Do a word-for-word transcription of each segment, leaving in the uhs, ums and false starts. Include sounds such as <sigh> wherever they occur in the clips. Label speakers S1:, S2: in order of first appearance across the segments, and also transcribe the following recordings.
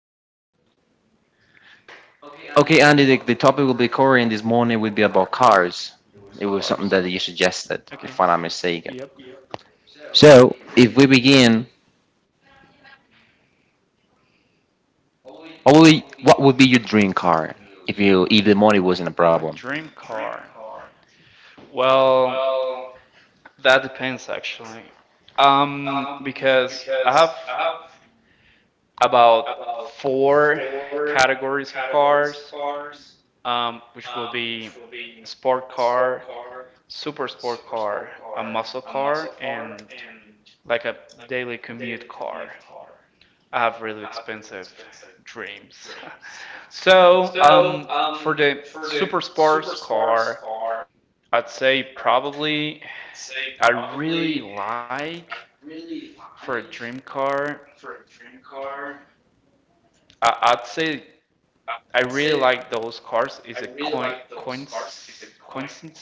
S1: on me. Okay, Andy. The, the topic will be Korean this morning will be about cars. It was something
S2: Cars.
S1: that you suggested,
S2: Okay.
S1: if I'm not mistaken.
S2: Yep.
S1: So, if we begin, what would be, what would be your dream car if you if the money wasn't a
S2: My
S1: problem?
S2: dream car. Well, that depends actually. Um, because I have about four categories of cars, um, which will be sport car, super sport car, a muscle car, and like a daily commute car. I have really expensive dreams. <laughs> So, um, for the super sports car, I'd say probably I really like for a dream car. I, I'd say I really like those cars. Is a coin coins coincidence,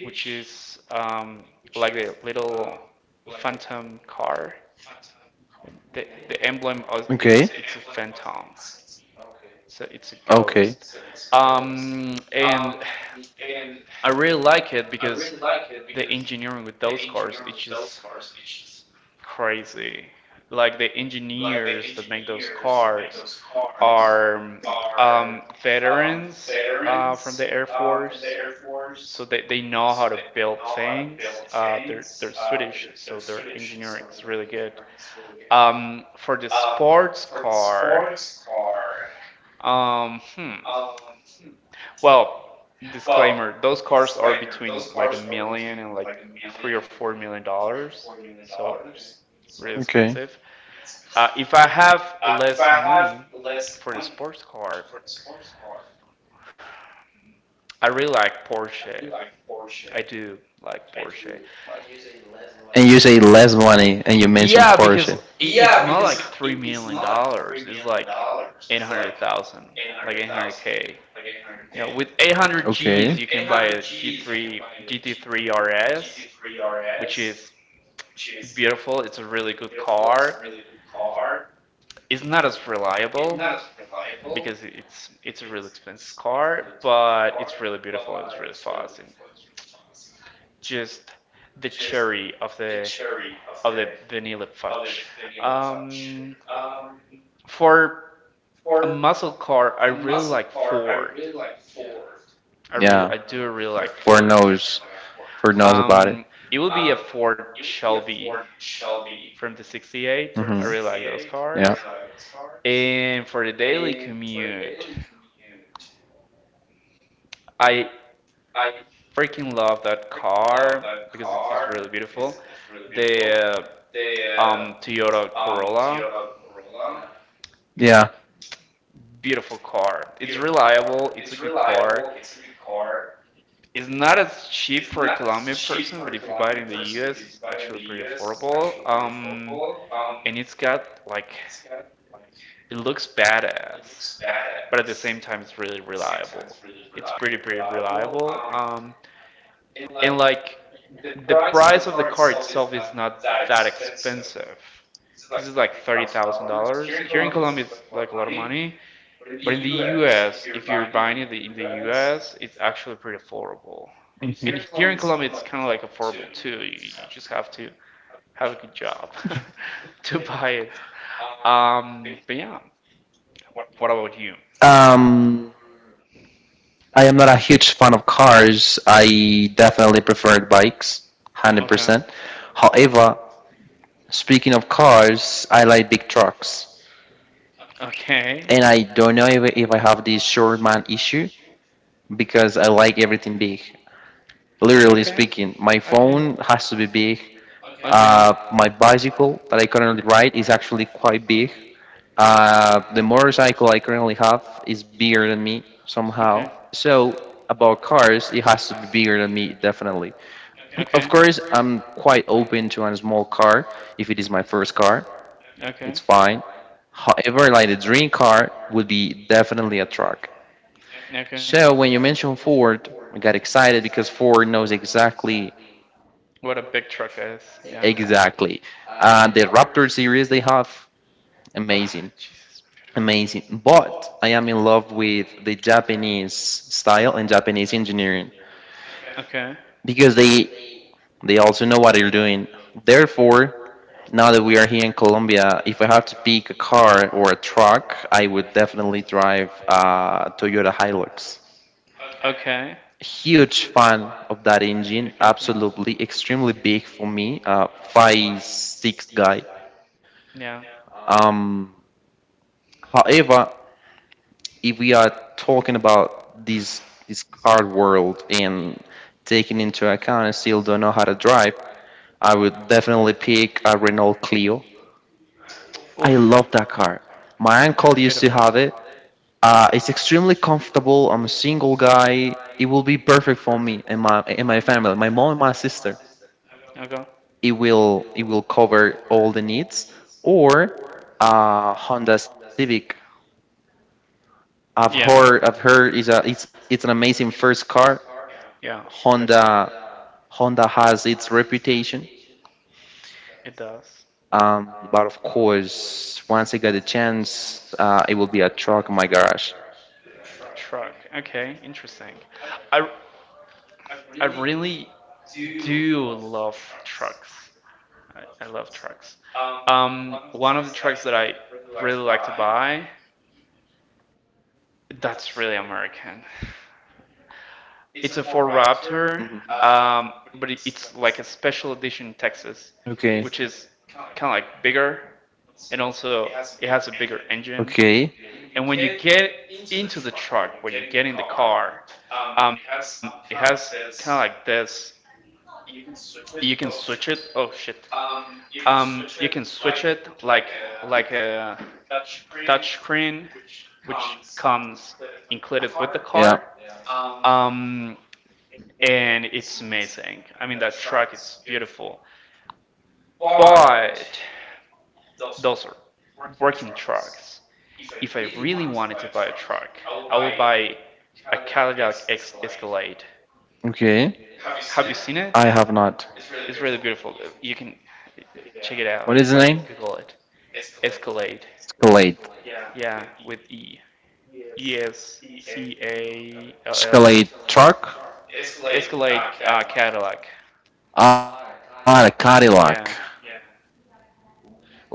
S2: which is um, like the little phantom car. The, the
S1: Okay.
S2: emblem of it's it's a phantom. So it's
S1: Okay.
S2: a ghost. Um, and I really like it because the engineering with those cars it's just crazy. Like the engineers that make those cars are um, veterans uh, from the Air Force, so they, they know how to build things. Uh, they're they're Swedish, so their engineering is really good. Um, for the sports car, um, hmm. Well, disclaimer, those cars are between like a million and like three or four million dollars, so really
S1: Okay.
S2: expensive. Uh, if I have less money for the sports car, I really like Porsche. I do like Porsche.
S1: And you say less money, and you mention
S2: Yeah, because
S1: Porsche.
S2: it's not like three million dollars. It's like eight hundred thousand, like eight hundred k. No, with eight hundred Gs,
S1: Okay.
S2: you can buy a G three G T three R S, which is beautiful. It's a really good car. It's not as reliable because it's it's a really expensive car, but it's really beautiful. It's really fast and just the cherry of the of the vanilla fudge. Um, for a muscle car, I really like Ford. I really
S1: Yeah.
S2: I do really like
S1: For
S2: Ford.
S1: knows, for knows about it.
S2: Um, it will be a Ford Shelby from the sixty-eight. I
S1: Mhm.
S2: really like those
S1: Yeah.
S2: cars. And for the daily commute, I freaking love that car because it's really beautiful. The uh, um, Toyota Corolla,
S1: Yeah.
S2: beautiful car. It's reliable. It's a good car. It's not as cheap for a Colombian person, but if you buy it in the U S, it's actually pretty affordable. Um, and it's got like it looks badass, but at the same time, it's really reliable. It's pretty pretty reliable. Um, and like the price of the car itself is not that expensive because it's like thirty thousand dollars here in Colombia. It's like a lot of money, but in the U S, if you're buying it in the U S, it's actually pretty affordable. And here in Colombia, it's kind of like affordable too. You just have to have a good job <laughs> to buy it. Um, but yeah, what about you?
S1: Um, I am not a huge fan of cars. I definitely prefer bikes, one hundred percent.
S2: Okay,
S1: However, speaking of cars, I like big trucks.
S2: okay.
S1: And I don't know if, if I have this short man issue because I like everything big. Literally speaking, my phone has to be big.
S2: Okay.
S1: Uh, my bicycle that I currently ride is actually quite big. Uh, the motorcycle I currently have is bigger than me somehow. So about cars, it has to be bigger than me definitely. Of course, I'm quite open to a small car if it is my first car. It's fine. However, like the dream car would be definitely a truck.
S2: Okay.
S1: So when you mentioned Ford, I got excited because Ford knows exactly,
S2: What a big truck is.
S1: exactly. Uh, the Raptor series they have, amazing.
S2: Jesus. Beautiful.
S1: Amazing. But I am in love with the Japanese style and Japanese engineering
S2: Okay.
S1: because they they also know what they're doing. Therefore, now that we are here in Colombia, if I have to pick a car or a truck, I would definitely drive a Toyota Hilux.
S2: Okay.
S1: Huge fan of that engine, absolutely extremely big for me, uh, five six guy.
S2: Yeah.
S1: Um, however, if we are talking about this this car world and taking into account I still don't know how to drive, I would definitely pick a Renault Clio. I love
S2: Oof.
S1: that car. My uncle used to
S2: Beautiful.
S1: have it. Uh, it's extremely comfortable. I'm a single guy. It will be perfect for me and my and my family, my mom and my sister.
S2: Okay.
S1: It will it will cover all the needs. Or uh, Honda Civic. I've heard
S2: Yeah.
S1: I've heard is a it's it's an amazing first car.
S2: Yeah, definitely.
S1: Honda Honda has its reputation,
S2: It does.
S1: um, but of course, once I get the chance, uh, it will be a truck in my garage.
S2: Truck. Okay, interesting. I I really do love trucks. I, I love trucks. Um, one of the trucks that I really like to buy, that's really American. <laughs> It's a Ford Raptor,
S1: Hmm.
S2: um, but it, it's like a special edition Texas,
S1: Okay.
S2: which is kind of like bigger, and also it has a bigger engine.
S1: Okay.
S2: And when you get into the truck, when you get in the car, um, it has kind of like this. You can switch it. Oh shit. Um, you can switch it like like a touchscreen, which comes included with the car.
S1: Yeah.
S2: Um, and it's amazing. I mean, that truck it's beautiful. But those are working trucks. If I really wanted to buy a truck, I will buy a Cadillac Escalade.
S1: Okay.
S2: Have you seen it?
S1: I have not.
S2: It's really beautiful. You can check it
S1: What
S2: out.
S1: is the name?
S2: Like Google it. Escalade.
S1: Escalade.
S2: Yeah, with E. E S C A L L
S1: Escalade truck.
S2: A. Escalade uh, Cadillac.
S1: Ah, the Cadillac.
S2: Yeah.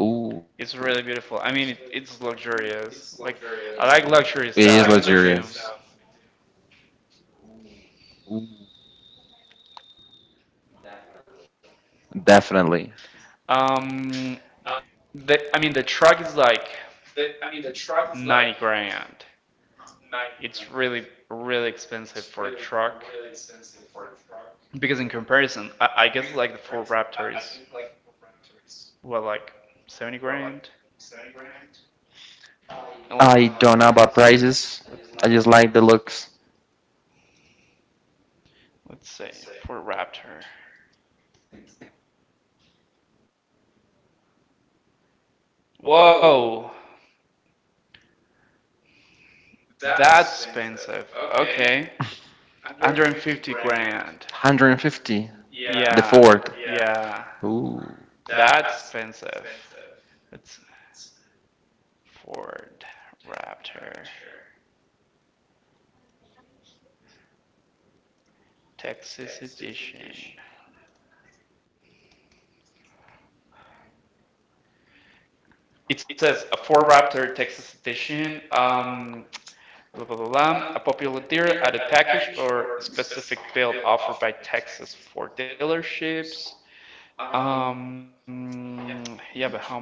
S1: Ooh,
S2: It's really beautiful. I mean, it, it's luxurious. Like, I like
S1: it
S2: luxury
S1: is
S2: stuff. I
S1: luxurious.
S2: do.
S1: Ooh, definitely.
S2: Um, the I mean, the truck is like ninety grand. It's really, really expensive for a truck because in comparison, I, I guess like the Ford Raptor is well, like seventy grand. And let-
S1: I don't know about
S2: us
S1: prices. I just
S2: let's
S1: like
S2: look
S1: the
S2: it up.
S1: looks.
S2: Let's see. Ford Raptor. Whoa, that's expensive. Okay, one hundred fifty grand.
S1: one hundred fifty, the
S2: Yeah,
S1: Ford.
S2: yeah.
S1: Ooh.
S2: That's expensive. It's Ford Raptor Texas Edition. It says a Ford Raptor Texas Edition. Um, blah, blah, blah, blah. A popular dealer added package or specific build offered by Texas Ford dealerships. Um, yeah, but how much?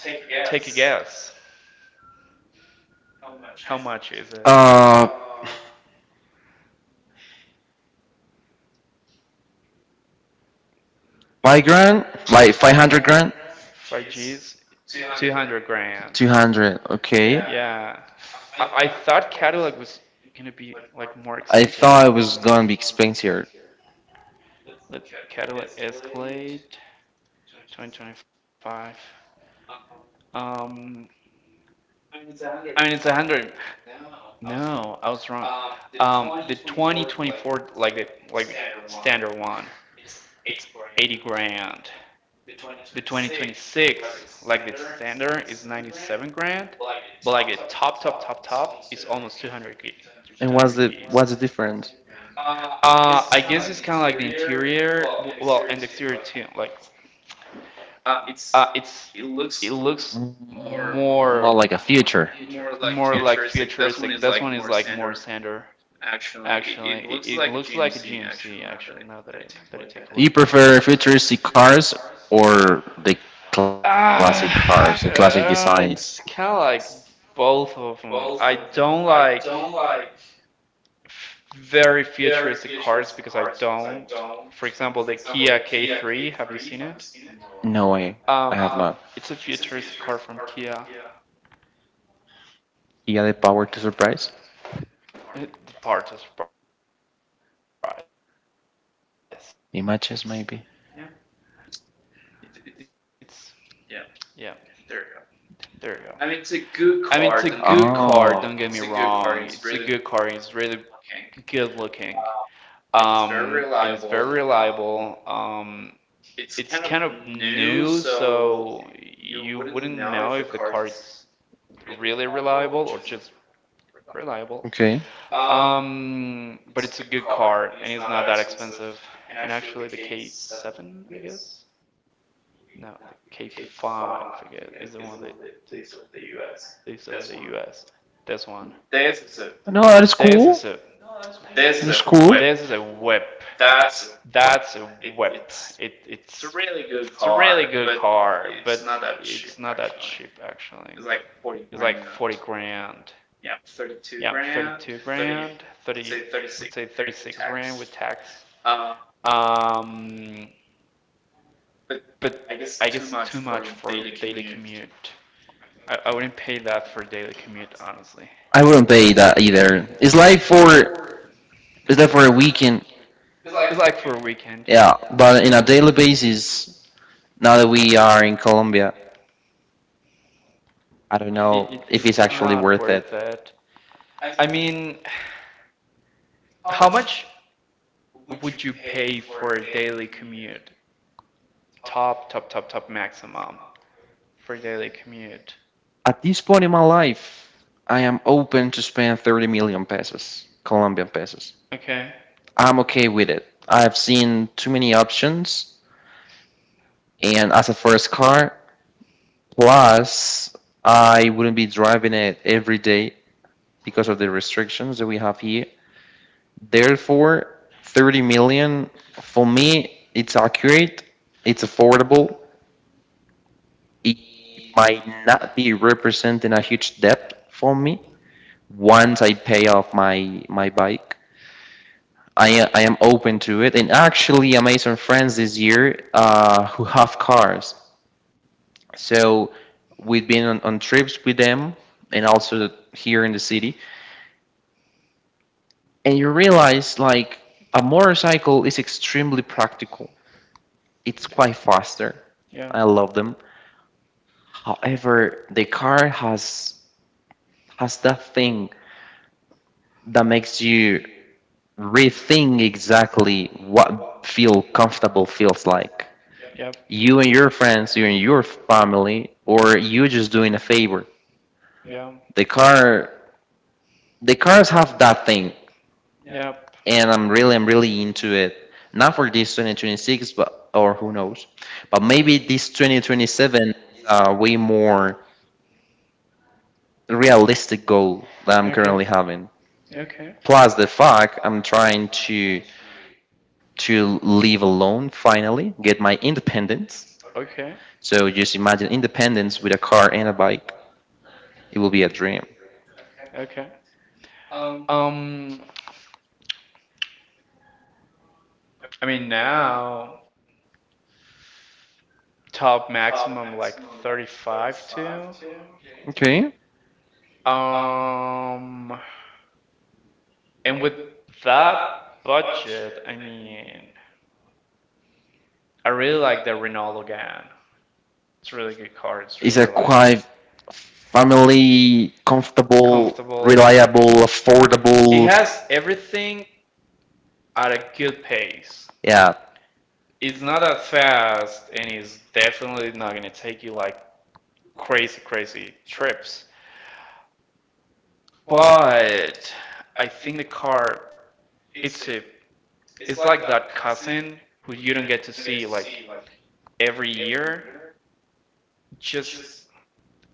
S2: Take a guess. How much is it?
S1: Uh, five grand, like five hundred grand,
S2: five Gs, two hundred grand.
S1: two hundred. Okay.
S2: Yeah. I, I thought Cadillac was gonna be like more
S1: I
S2: expensive.
S1: thought it was gonna be expensive.
S2: Let's Cadillac Escalade twenty twenty-five. Um, I mean it's one hundred. No, I was wrong. Um, the twenty twenty-four like the like the standard one, it's eighty grand. The twenty twenty-six like the standard is ninety-seven grand, but like the top, top, top, top is almost two hundred g
S1: And
S2: two hundred
S1: what's the
S2: gs.
S1: what's the difference?
S2: uh I guess it's kind of like the interior, well, and the exterior too, like, uh it's it looks
S1: More.
S2: more
S1: Not like a future.
S2: more like futuristic. This one is like more standard. Actually, it, it looks like a G M C. Actually, now that I that I take a
S1: You
S2: look at it.
S1: prefer futuristic cars or the classic cars, the classic
S2: Ah,
S1: designs?
S2: uh, uh, it's kind of like both of them. I don't like f- very futuristic cars because I don't. For example, the Kia K three. Have you seen it?
S1: No way. I have
S2: Um,
S1: not.
S2: it's a futuristic car from Kia.
S1: Yeah, the power to surprise.
S2: It, the part of surprise.
S1: Images maybe.
S2: Um, Yeah, it's it's yeah. There you go. I mean, it's a good car. Don't get me
S1: Oh,
S2: wrong. It's a good car. It's really good looking. Um, and it's very reliable. Um, it's kind of new, so you wouldn't know if the car is really reliable or just reliable.
S1: okay.
S2: Um, but it's a good car, and it's not that expensive. And actually, the K seven, I guess? No, the K five, I guess, is the one that they sell in the U S. This one. This is a
S1: No, that is cool. That
S2: This
S1: is
S2: is
S1: It's
S2: a
S1: cool. Web.
S2: whip. That's a whip. It, it's it's a really good car, but it's not that cheap actually. It's like forty grand. Yeah, thirty-two grand, thirty, let's say thirty-six grand with tax. Um, but I guess too much for daily commute. I, I wouldn't pay that for daily commute, honestly.
S1: I wouldn't pay that either. It's like for it's like for a weekend,
S2: It's like for a weekend, yeah.
S1: yeah.
S2: Yeah,
S1: But in a
S2: yeah.
S1: daily basis, now that we are in Colombia, I don't know
S2: It,
S1: if it's
S2: it's
S1: actually
S2: not
S1: worth it.
S2: worth it. I mean, how much would you pay for a daily commute? Top, top, top, top maximum for a daily commute.
S1: At this point in my life, I am open to spend thirty million pesos, Colombian pesos.
S2: Okay.
S1: I'm okay with it. I've seen too many options, and as a first car, plus, I wouldn't be driving it every day because of the restrictions that we have here. Therefore, thirty million for me, it's accurate, it's affordable, it might not be representing a huge debt for me once I pay off my my bike. I, I am open to it, and actually, I made some friends this year uh, who have cars. So we've been on, on trips with them, and also here in the city, and you realize like a motorcycle is extremely practical. It's quite faster. I
S2: Yeah.
S1: love them. However, the car has has that thing that makes you rethink exactly what feel comfortable feels like.
S2: Yep.
S1: You and your friends, you and your family, or you just doing a favor.
S2: Yeah.
S1: The car the cars have that thing,
S2: Yep.
S1: and I'm really I'm really into it. Not for this twenty twenty-six, but or who knows, but maybe this twenty twenty-seven is a way more realistic goal that I'm currently
S2: Okay.
S1: having.
S2: Okay.
S1: Plus the fact I'm trying to to live alone finally, get my independence.
S2: Okay.
S1: So just imagine independence with a car and a bike. It will be a dream.
S2: Okay. Um, I mean now, top maximum like thirty-five to.
S1: Okay.
S2: Um, and with that budget, I mean, I really like the Renault Logan. It's a really good car. It's
S1: It's
S2: really
S1: a
S2: reliable.
S1: quite family comfortable, reliable,
S2: It
S1: affordable.
S2: has everything at a good pace.
S1: Yeah,
S2: It's not that fast, and it's definitely not gonna take you like crazy, crazy trips. But I think the car, it's a, it's like that cousin who you don't get to see like every year. Just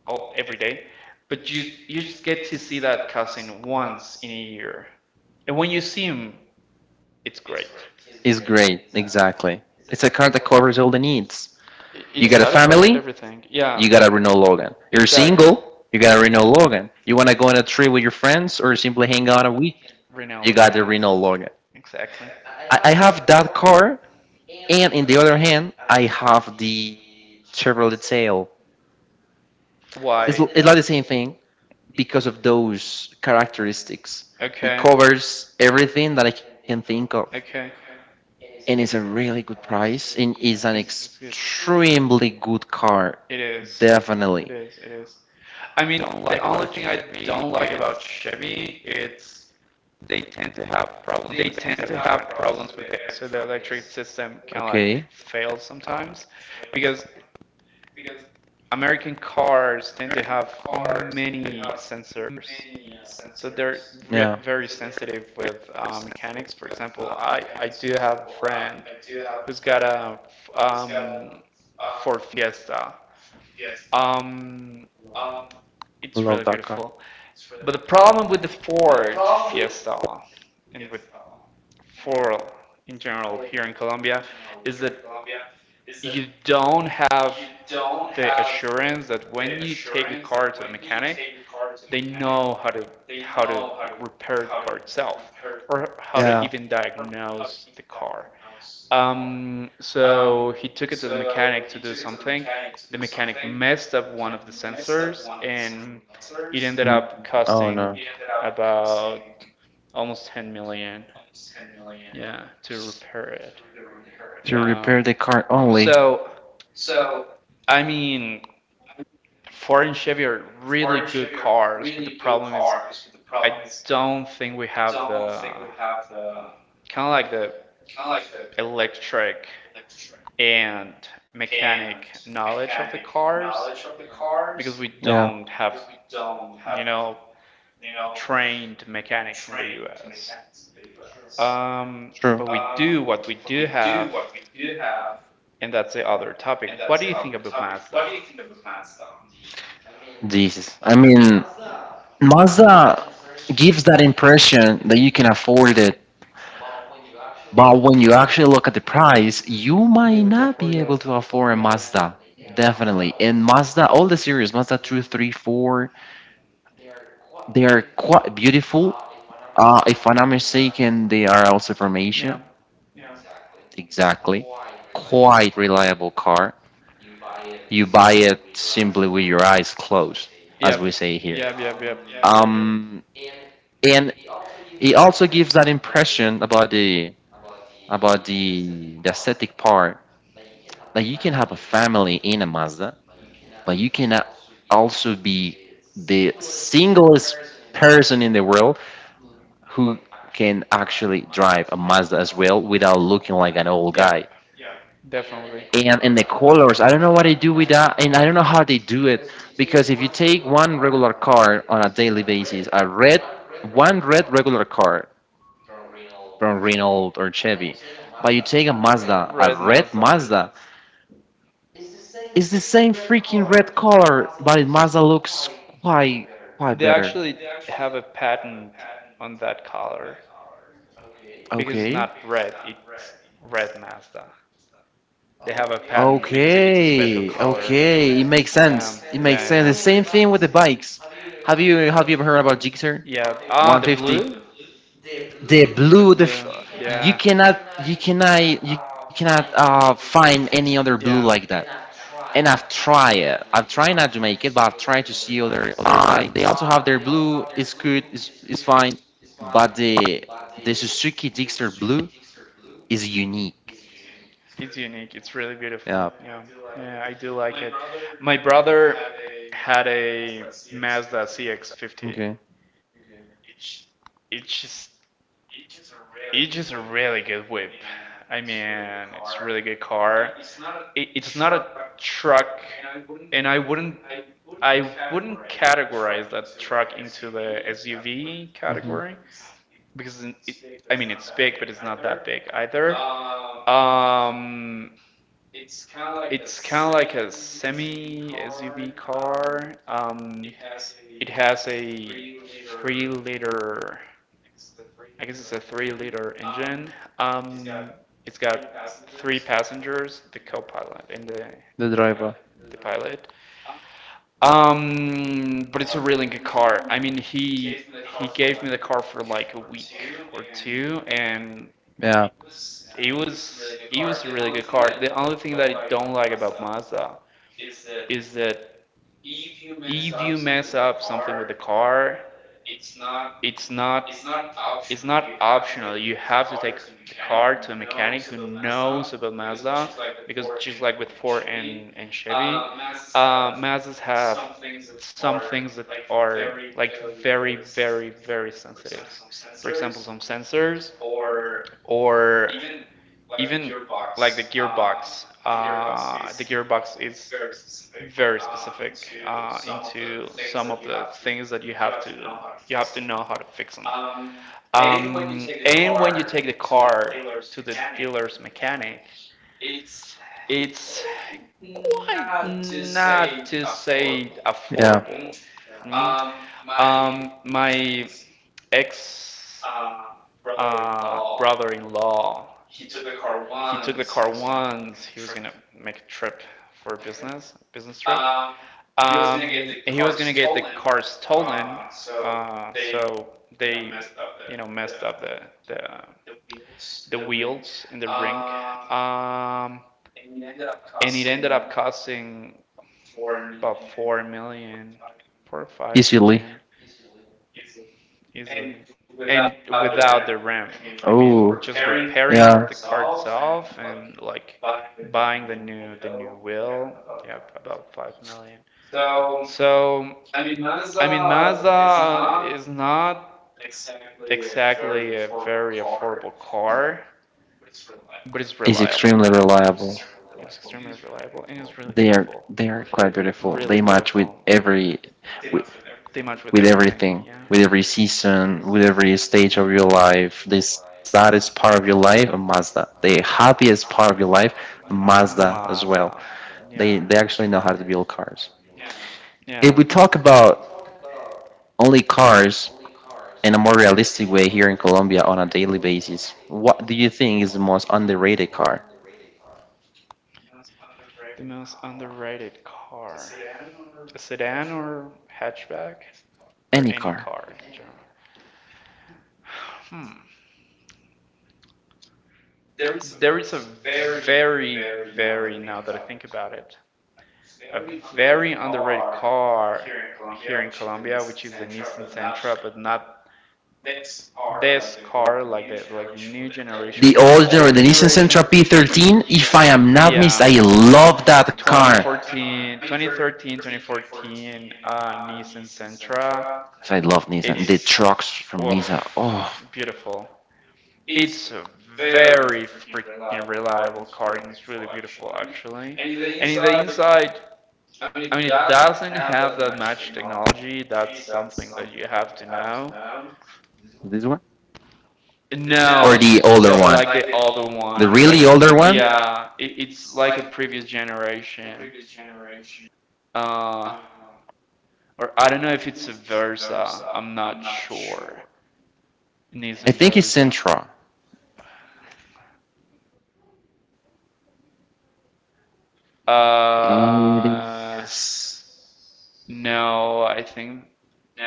S2: all every day, but you you just get to see that cousin once in a year, and when you see him, it's great.
S1: it's great. Exactly. It's a car that covers all the needs.
S2: It,
S1: You
S2: it
S1: got a
S2: satisfies
S1: family,
S2: everything.
S1: you
S2: Yeah,
S1: got a Renault Logan. You're
S2: exactly.
S1: single, you got a Renault Logan. You want to go on a trip with your friends or simply hang out a week, you
S2: Rinaldo.
S1: got the Renault Logan.
S2: Exactly.
S1: I, I have that car, and in the other hand, I have the Chevrolet Tail. It's, l-
S2: Why?
S1: it's like the
S2: Not.
S1: same thing, because of those characteristics. It
S2: Okay.
S1: covers
S2: It.
S1: everything that I can think of,
S2: Okay.
S1: and it's a really good price, and it's an
S2: It- it's good.
S1: extremely good car,
S2: It is.
S1: definitely.
S2: It is. It is. I mean, the like only thing I don't like about Chevy it's they tend to have problems. They tend to have problems with it. So the electric system can like
S1: Okay.
S2: fail sometimes because American cars tend to have many sensors. So they're re-
S1: Yeah,
S2: very sensitive with uh, mechanics. For example, I, I do have a friend who's got a um, Ford Fiesta. Um, it's really
S1: love that car.
S2: beautiful. But the problem with the Ford Fiesta and with Ford in general here in Colombia is that you don't have the assurance that when you take the car to a mechanic, they know how to how to repair the car itself or how to
S1: Yeah.
S2: even diagnose the car. Um, so he took it to the mechanic to do something. The mechanic messed up one of the sensors, and it
S1: Mm.
S2: ended up
S1: Oh no.
S2: costing about almost ten million. Yeah, to repair it.
S1: To
S2: Yeah.
S1: repair the car only.
S2: So I mean, Ford and Chevy are really good cars, but the problem is I don't think we have the uh, kind of like the electric and mechanic knowledge of the cars because we
S1: Yeah.
S2: don't have you know trained mechanics in the U S. Um,
S1: True.
S2: but we do what we do have, and that's the other topic. What do you think about Mazda?
S1: Jesus. I mean, Mazda gives that impression that you can afford it, but when you actually look at the price, you
S2: Be
S1: might
S2: able to
S1: not be
S2: afford
S1: able to
S2: it.
S1: afford a
S2: Yeah,
S1: Mazda. Yeah.
S2: in
S1: Definitely. And
S2: two,
S1: Mazda, all the series,
S2: three,
S1: Mazda two,
S2: four.
S1: three, four, they are quite beautiful. Uh, if I'm not mistaken, they are also from Asia.
S2: Yeah.
S1: Exactly. Quite reliable car. You buy it simply with your eyes closed, as we
S2: Yep,
S1: say here.
S2: yep,
S1: Um, and it also gives that impression about the about the the aesthetic part. Like you can have a family in a Mazda, but you cannot also be the singlest person in the world who can actually drive a Mazda as well without looking like an old guy.
S2: yep. And
S1: And and the colors, I don't know what they do with that, and I don't know how they do it, because if you take one regular car on a daily basis, a red one red regular car from Renault or Chevy, but you take a Mazda, a
S2: Mazda.
S1: red
S2: Mazda.
S1: Mazda, it's the same freaking red color, but it Mazda looks quite quite
S2: They
S1: better.
S2: actually have a patent on that color because it's
S1: Okay.
S2: not red, it's red Mazda.
S1: Okay. Okay. It makes sense. It makes sense. The same thing with the bikes. Have you have you ever heard about Gixxer?
S2: Yeah. The
S1: one fifty.
S2: blue?
S1: The
S2: The
S1: blue. The
S2: blue.
S1: f- you cannot you cannot you cannot uh, find any other blue like that.
S2: Yeah.
S1: And I've tried it. I've tried not to make it, but I've tried to see other other bike. They also have their blue. It's good. It's it's fine. But the the Suzuki Dixter Blue is unique.
S2: It's unique. It's really beautiful.
S1: Yeah.
S2: Yeah. Yeah, yeah, I do like it. My brother had a Mazda C X fifty.
S1: Okay.
S2: It's just it's just a really good whip. I mean, it's a really good car. It, it's not a truck, and I wouldn't I wouldn't categorize that truck into the S U V
S1: Hmm.
S2: category because it, I mean it's big, but it's not that big either. Um, It's kind of like a semi S U V car. Um, it has a three liter, I guess it's a three liter engine. Um, it's got three passengers, the co-pilot, and the
S1: The
S2: and the
S1: driver.
S2: the pilot. Um, but it's a really good car. I mean, he he gave me the car for like a week or two, and
S1: It. Yeah. It.
S2: it was it was a really good car. The only thing that I don't like about Mazda is that if you mess up something with the car, it's not it's not optional. You have to take the car to a mechanic who knows about Mazda because, just like with Ford and, and Chevy, uh, Mazdas have some things that are like very, very, very sensitive. For example, some sensors, or even like the gearbox. Uh, the gearbox is very specific uh, into some of the things that you have to you have to know how to fix them. Um, and when you take the car to the dealer's mechanic, it's quite, not to say,
S1: Yeah.
S2: affordable. Mm. Um, my ex uh, brother-in-law, he took the car once. He was gonna make a trip for a business business trip. Um, he was gonna get the car stolen, uh, so they, you know, messed up the the the wheels in the rink. Um, and it ended up costing about four million, four or five
S1: Easily.
S2: million easily, and without the rim. I
S1: Oh.
S2: mean, just
S1: Yeah.
S2: repairing the
S1: For
S2: car itself and like buying the new the new wheel, yeah, about five million. So, I mean, Mazda is not exactly a very affordable car, but it's
S1: is extremely
S2: reliable.
S1: reliable.
S2: Extremely reliable, and it's really
S1: They are
S2: beautiful.
S1: they are quite beautiful. They
S2: Really
S1: match with
S2: beautiful.
S1: every with,
S2: They
S1: with
S2: everything,
S1: everything, with every season, with every stage of your life. The saddest part of your life, a Mazda. The happiest part of your life, a Mazda as well. They they
S2: yeah,
S1: actually know how to build cars. If we
S2: yeah.
S1: talk about only cars in a more realistic way here in Colombia on a daily basis, what do you think is the most underrated car?
S2: The most underrated car. A sedan or hatchback? Or
S1: Any
S2: any
S1: car.
S2: car in general. Hmm. There is a very, very, now that I think about it, a very underrated car here in Colombia, which is the Nissan Sentra, but not this car like the like the new generation,
S1: The
S2: but the
S1: old
S2: old
S1: the Nissan
S2: generation.
S1: Sentra P thirteen. If I am not missed,
S2: Yeah.
S1: I love that car.
S2: twenty fourteen, twenty thirteen, twenty fourteen, uh, Nissan
S1: 'Cause I
S2: Sentra.
S1: love Nissan. Yes. The trucks
S2: It's,
S1: from Nissan.
S2: oof,
S1: Oh,
S2: beautiful. It's a very freaking reliable car, and it's really beautiful actually. And in the inside, I mean, it doesn't have that much technology. That's something that you have to know.
S1: this one or the
S2: No,
S1: older
S2: so
S1: one,
S2: like the other
S1: the
S2: one,
S1: really
S2: like,
S1: older one.
S2: yeah, it, it's like a previous generation. Uh, or I don't know if it's a Versa. I'm not sure. Nissan
S1: I
S2: Versa.
S1: think it's Sentra. Uh, It
S2: Uh,
S1: is
S2: no, I think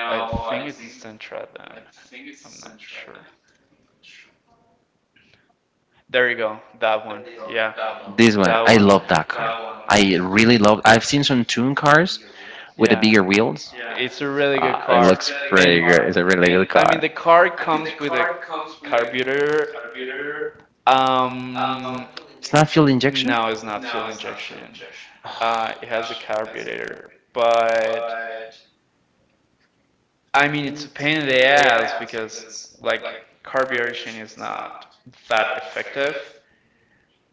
S2: I think it's the Sentra then. I'm not sure. There you go. That one. Yeah. One,
S1: this
S2: that
S1: one. I
S2: one. I
S1: love that car.
S2: that.
S1: I really love. I've seen some tune cars, with the
S2: Yeah,
S1: bigger wheels.
S2: it's a really good
S1: Ah,
S2: car. And
S1: a really good
S2: I mean, the
S1: car.
S2: car comes with a carburetor. It's Um, it's
S1: It's not fuel
S2: no, it's
S1: injection.
S2: not fuel injection.
S1: Uh,
S2: Uh, it has a carburetor, but I mean, it's a pain in the ass because like carburation is not that effective.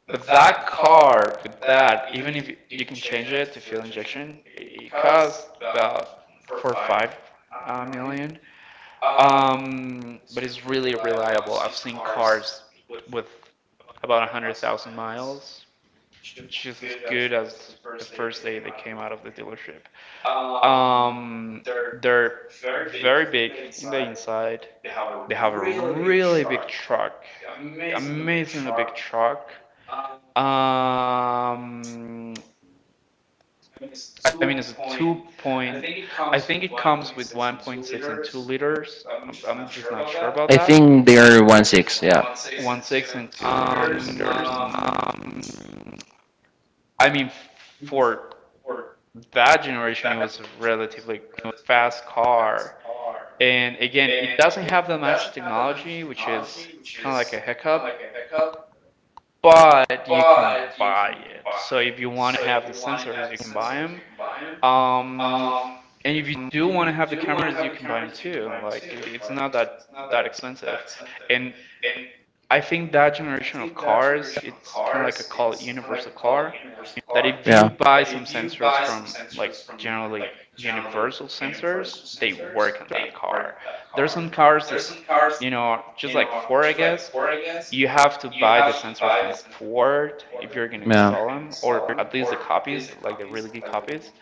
S2: But that car with that, even if you- can change it to fuel injection, it it costs about four or five uh, million. Um, but it's really reliable. I've seen cars with about a hundred thousand miles, just as good as the first day they came out of the dealership. Um, they're very big in the inside. They have a really big truck, amazingly big truck. Um, I mean, it's a two point. I think it comes with one point six and two liters. I'm, I'm just not sure about that.
S1: I think they are one six.
S2: One six and two, um, two liters. Um, I mean, for that generation, it was a relatively fast car. And again, it doesn't have that much technology, which is kind of like a hiccup, but you can buy it. So if you want to have the sensors, you can buy them. Um, and if you do want to have the cameras, you can buy them too. Like it's not that that expensive. And I think that generation of cars, it's kind of like a, call it, universal car, that if you buy
S1: Yeah,
S2: some sensors from like generally universal sensors, they work on that car. There's some cars that, you know, just like Ford, I guess, you have to buy the sensors from Ford if you're going to install them, or at least the copies, like the really good copies.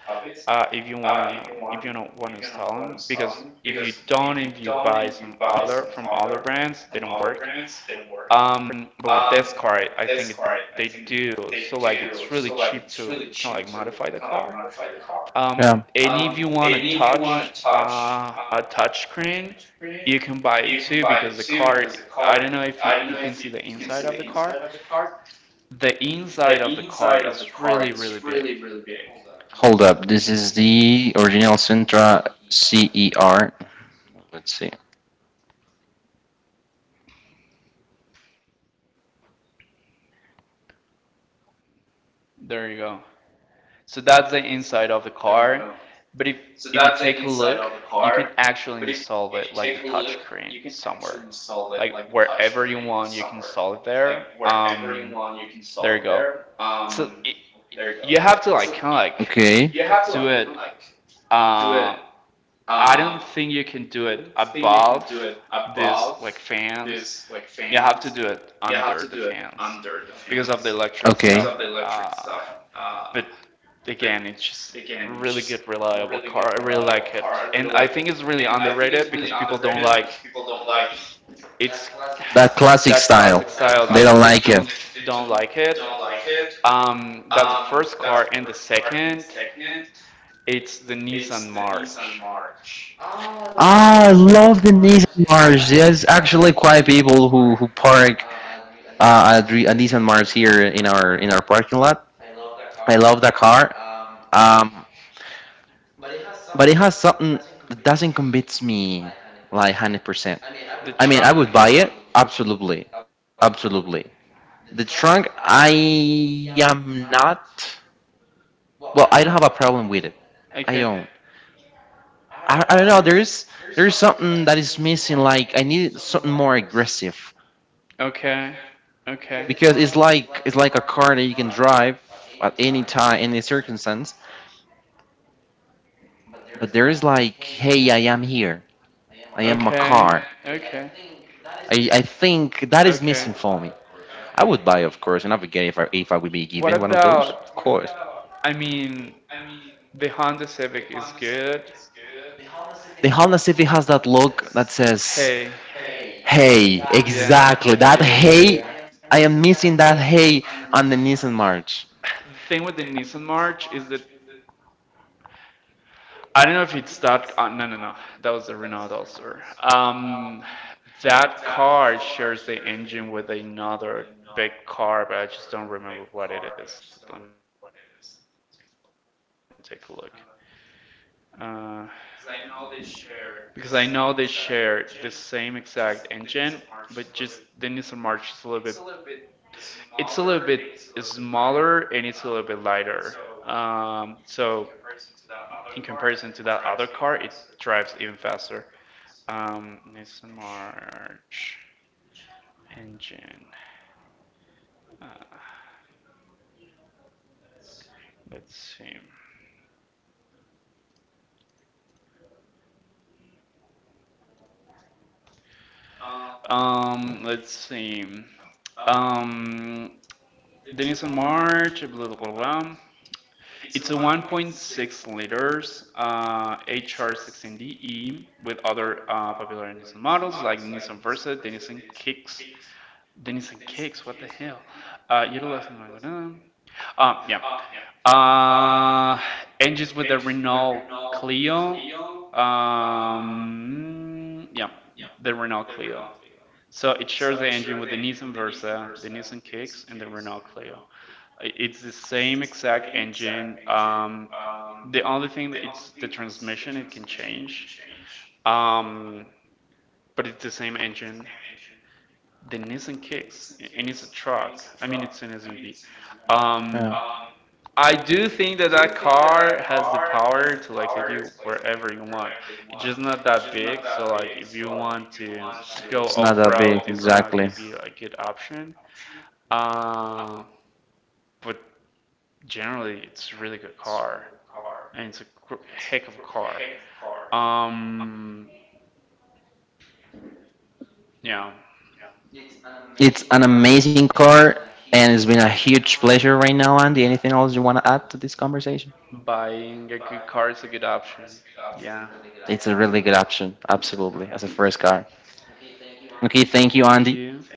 S2: Uh, if you wanna, if you don't wanna install them, because if you don't, if you buy some other from other brands, they don't work. Um, but with this car, I think it, they do. So like it's really cheap to kind of like modify the car. Um,
S1: yeah.
S2: and if you want a touch uh, a touch screen, you can buy it too, because the car, I don't know if you, if you can see the inside of the car. The inside of the car is really, really big.
S1: Hold up, this is the original Sentra C E R. Let's see.
S2: There you go. So that's the inside of the car. But if if you take a look, you can actually install it like the touch screen somewhere, like wherever you want, you can install it there. Um, there you go. So it, you have to like
S1: Okay,
S2: kind of like do it. Uh, I don't think you can do it above this like fans. You have to do it under the fans because of the
S1: okay.
S2: electric stuff. Uh, but again, it's just a really good, reliable car. I really like it, and I think it's really underrated because people don't like, it's
S1: That classic
S2: that
S1: style.
S2: classic style.
S1: They
S2: They
S1: don't
S2: they
S1: like it.
S2: don't
S1: They
S2: don't
S1: don't.
S2: like it. Um, that's the first car, and the second, it's the Nissan March.
S1: Ah, I love the Nissan Mars. There's actually quite people who who park uh, a, dri- a Nissan Mars here in our in our parking lot. I love that car, um, but it has something that doesn't convince me like hundred percent.
S2: The
S1: I mean, I would
S2: trunk?
S1: buy it absolutely, absolutely. The trunk, I am not. Well, I don't have a problem with it.
S2: Okay,
S1: I don't. I, I don't know. There's there's something that is missing. Like I need something more aggressive
S2: okay, okay.
S1: because it's like it's like a car that you can drive at any time, any circumstance. But there is like, hey, I am here. I am a
S2: Okay.
S1: car.
S2: Okay.
S1: I, I think that is missing for me.
S2: Okay.
S1: I would buy, of course, and I would get it if I if I would be given one of
S2: What
S1: those. Of course.
S2: about? I mean, the Honda Civic is good.
S1: The Honda Civic has that look that says,
S2: Hey.
S1: "Hey,
S2: Yeah. Yeah.
S1: exactly that.
S2: Yeah.
S1: Hey,
S2: Yeah.
S1: I am
S2: I.
S1: missing that. Hey, on the Nissan March."
S2: The thing with the Nissan March is that I don't know if it's that. Uh, no, no, no. That was the Renault Duster. Um, that car shares the engine with another big car, but I just don't remember what it is. Let me take a look, because I know they share the same exact engine, but just the Nissan March is a little bit. It's a little bit smaller, and it's a little bit lighter. Um, so in comparison to that other car, it drives even faster. Um, Nissan March engine. Let's see. Um, let's see. Um, Denison March, blah, blah, blah, blah. It's a one point six liters, uh, H R one six D E, with other uh, popular Denison models like Denison Versa, Denison Kicks, Denison Kicks, what the hell? Uh, utilizing, um, yeah. Uh, engines with the Renault Clio. Um, yeah, the Renault Clio. So it shares the engine with the Nissan Versa, the Nissan Kicks, and the Renault Clio. It's the same exact engine. Um, the only thing that it's the transmission it can change, um, but it's the same engine. The Nissan Kicks, and it's a truck. I mean, it's an S U V. Um,
S1: Yeah.
S2: I do think that that car has the power to like take you wherever you want. It's just not that big, so like if you want to go
S1: It's not that
S2: off-road,
S1: big,
S2: it's not gonna
S1: exactly.
S2: be a good option. Uh, but generally, it's a really good car, and it's a heck of a car. Um, yeah,
S1: It's an amazing car, and it's been a huge pleasure right now, Andy. Anything else you want to add to this conversation?
S2: buying a good car is a good option. Yeah,
S1: It's a really good option, absolutely, as a first car. Okay, thank you, Andy.
S2: thank you.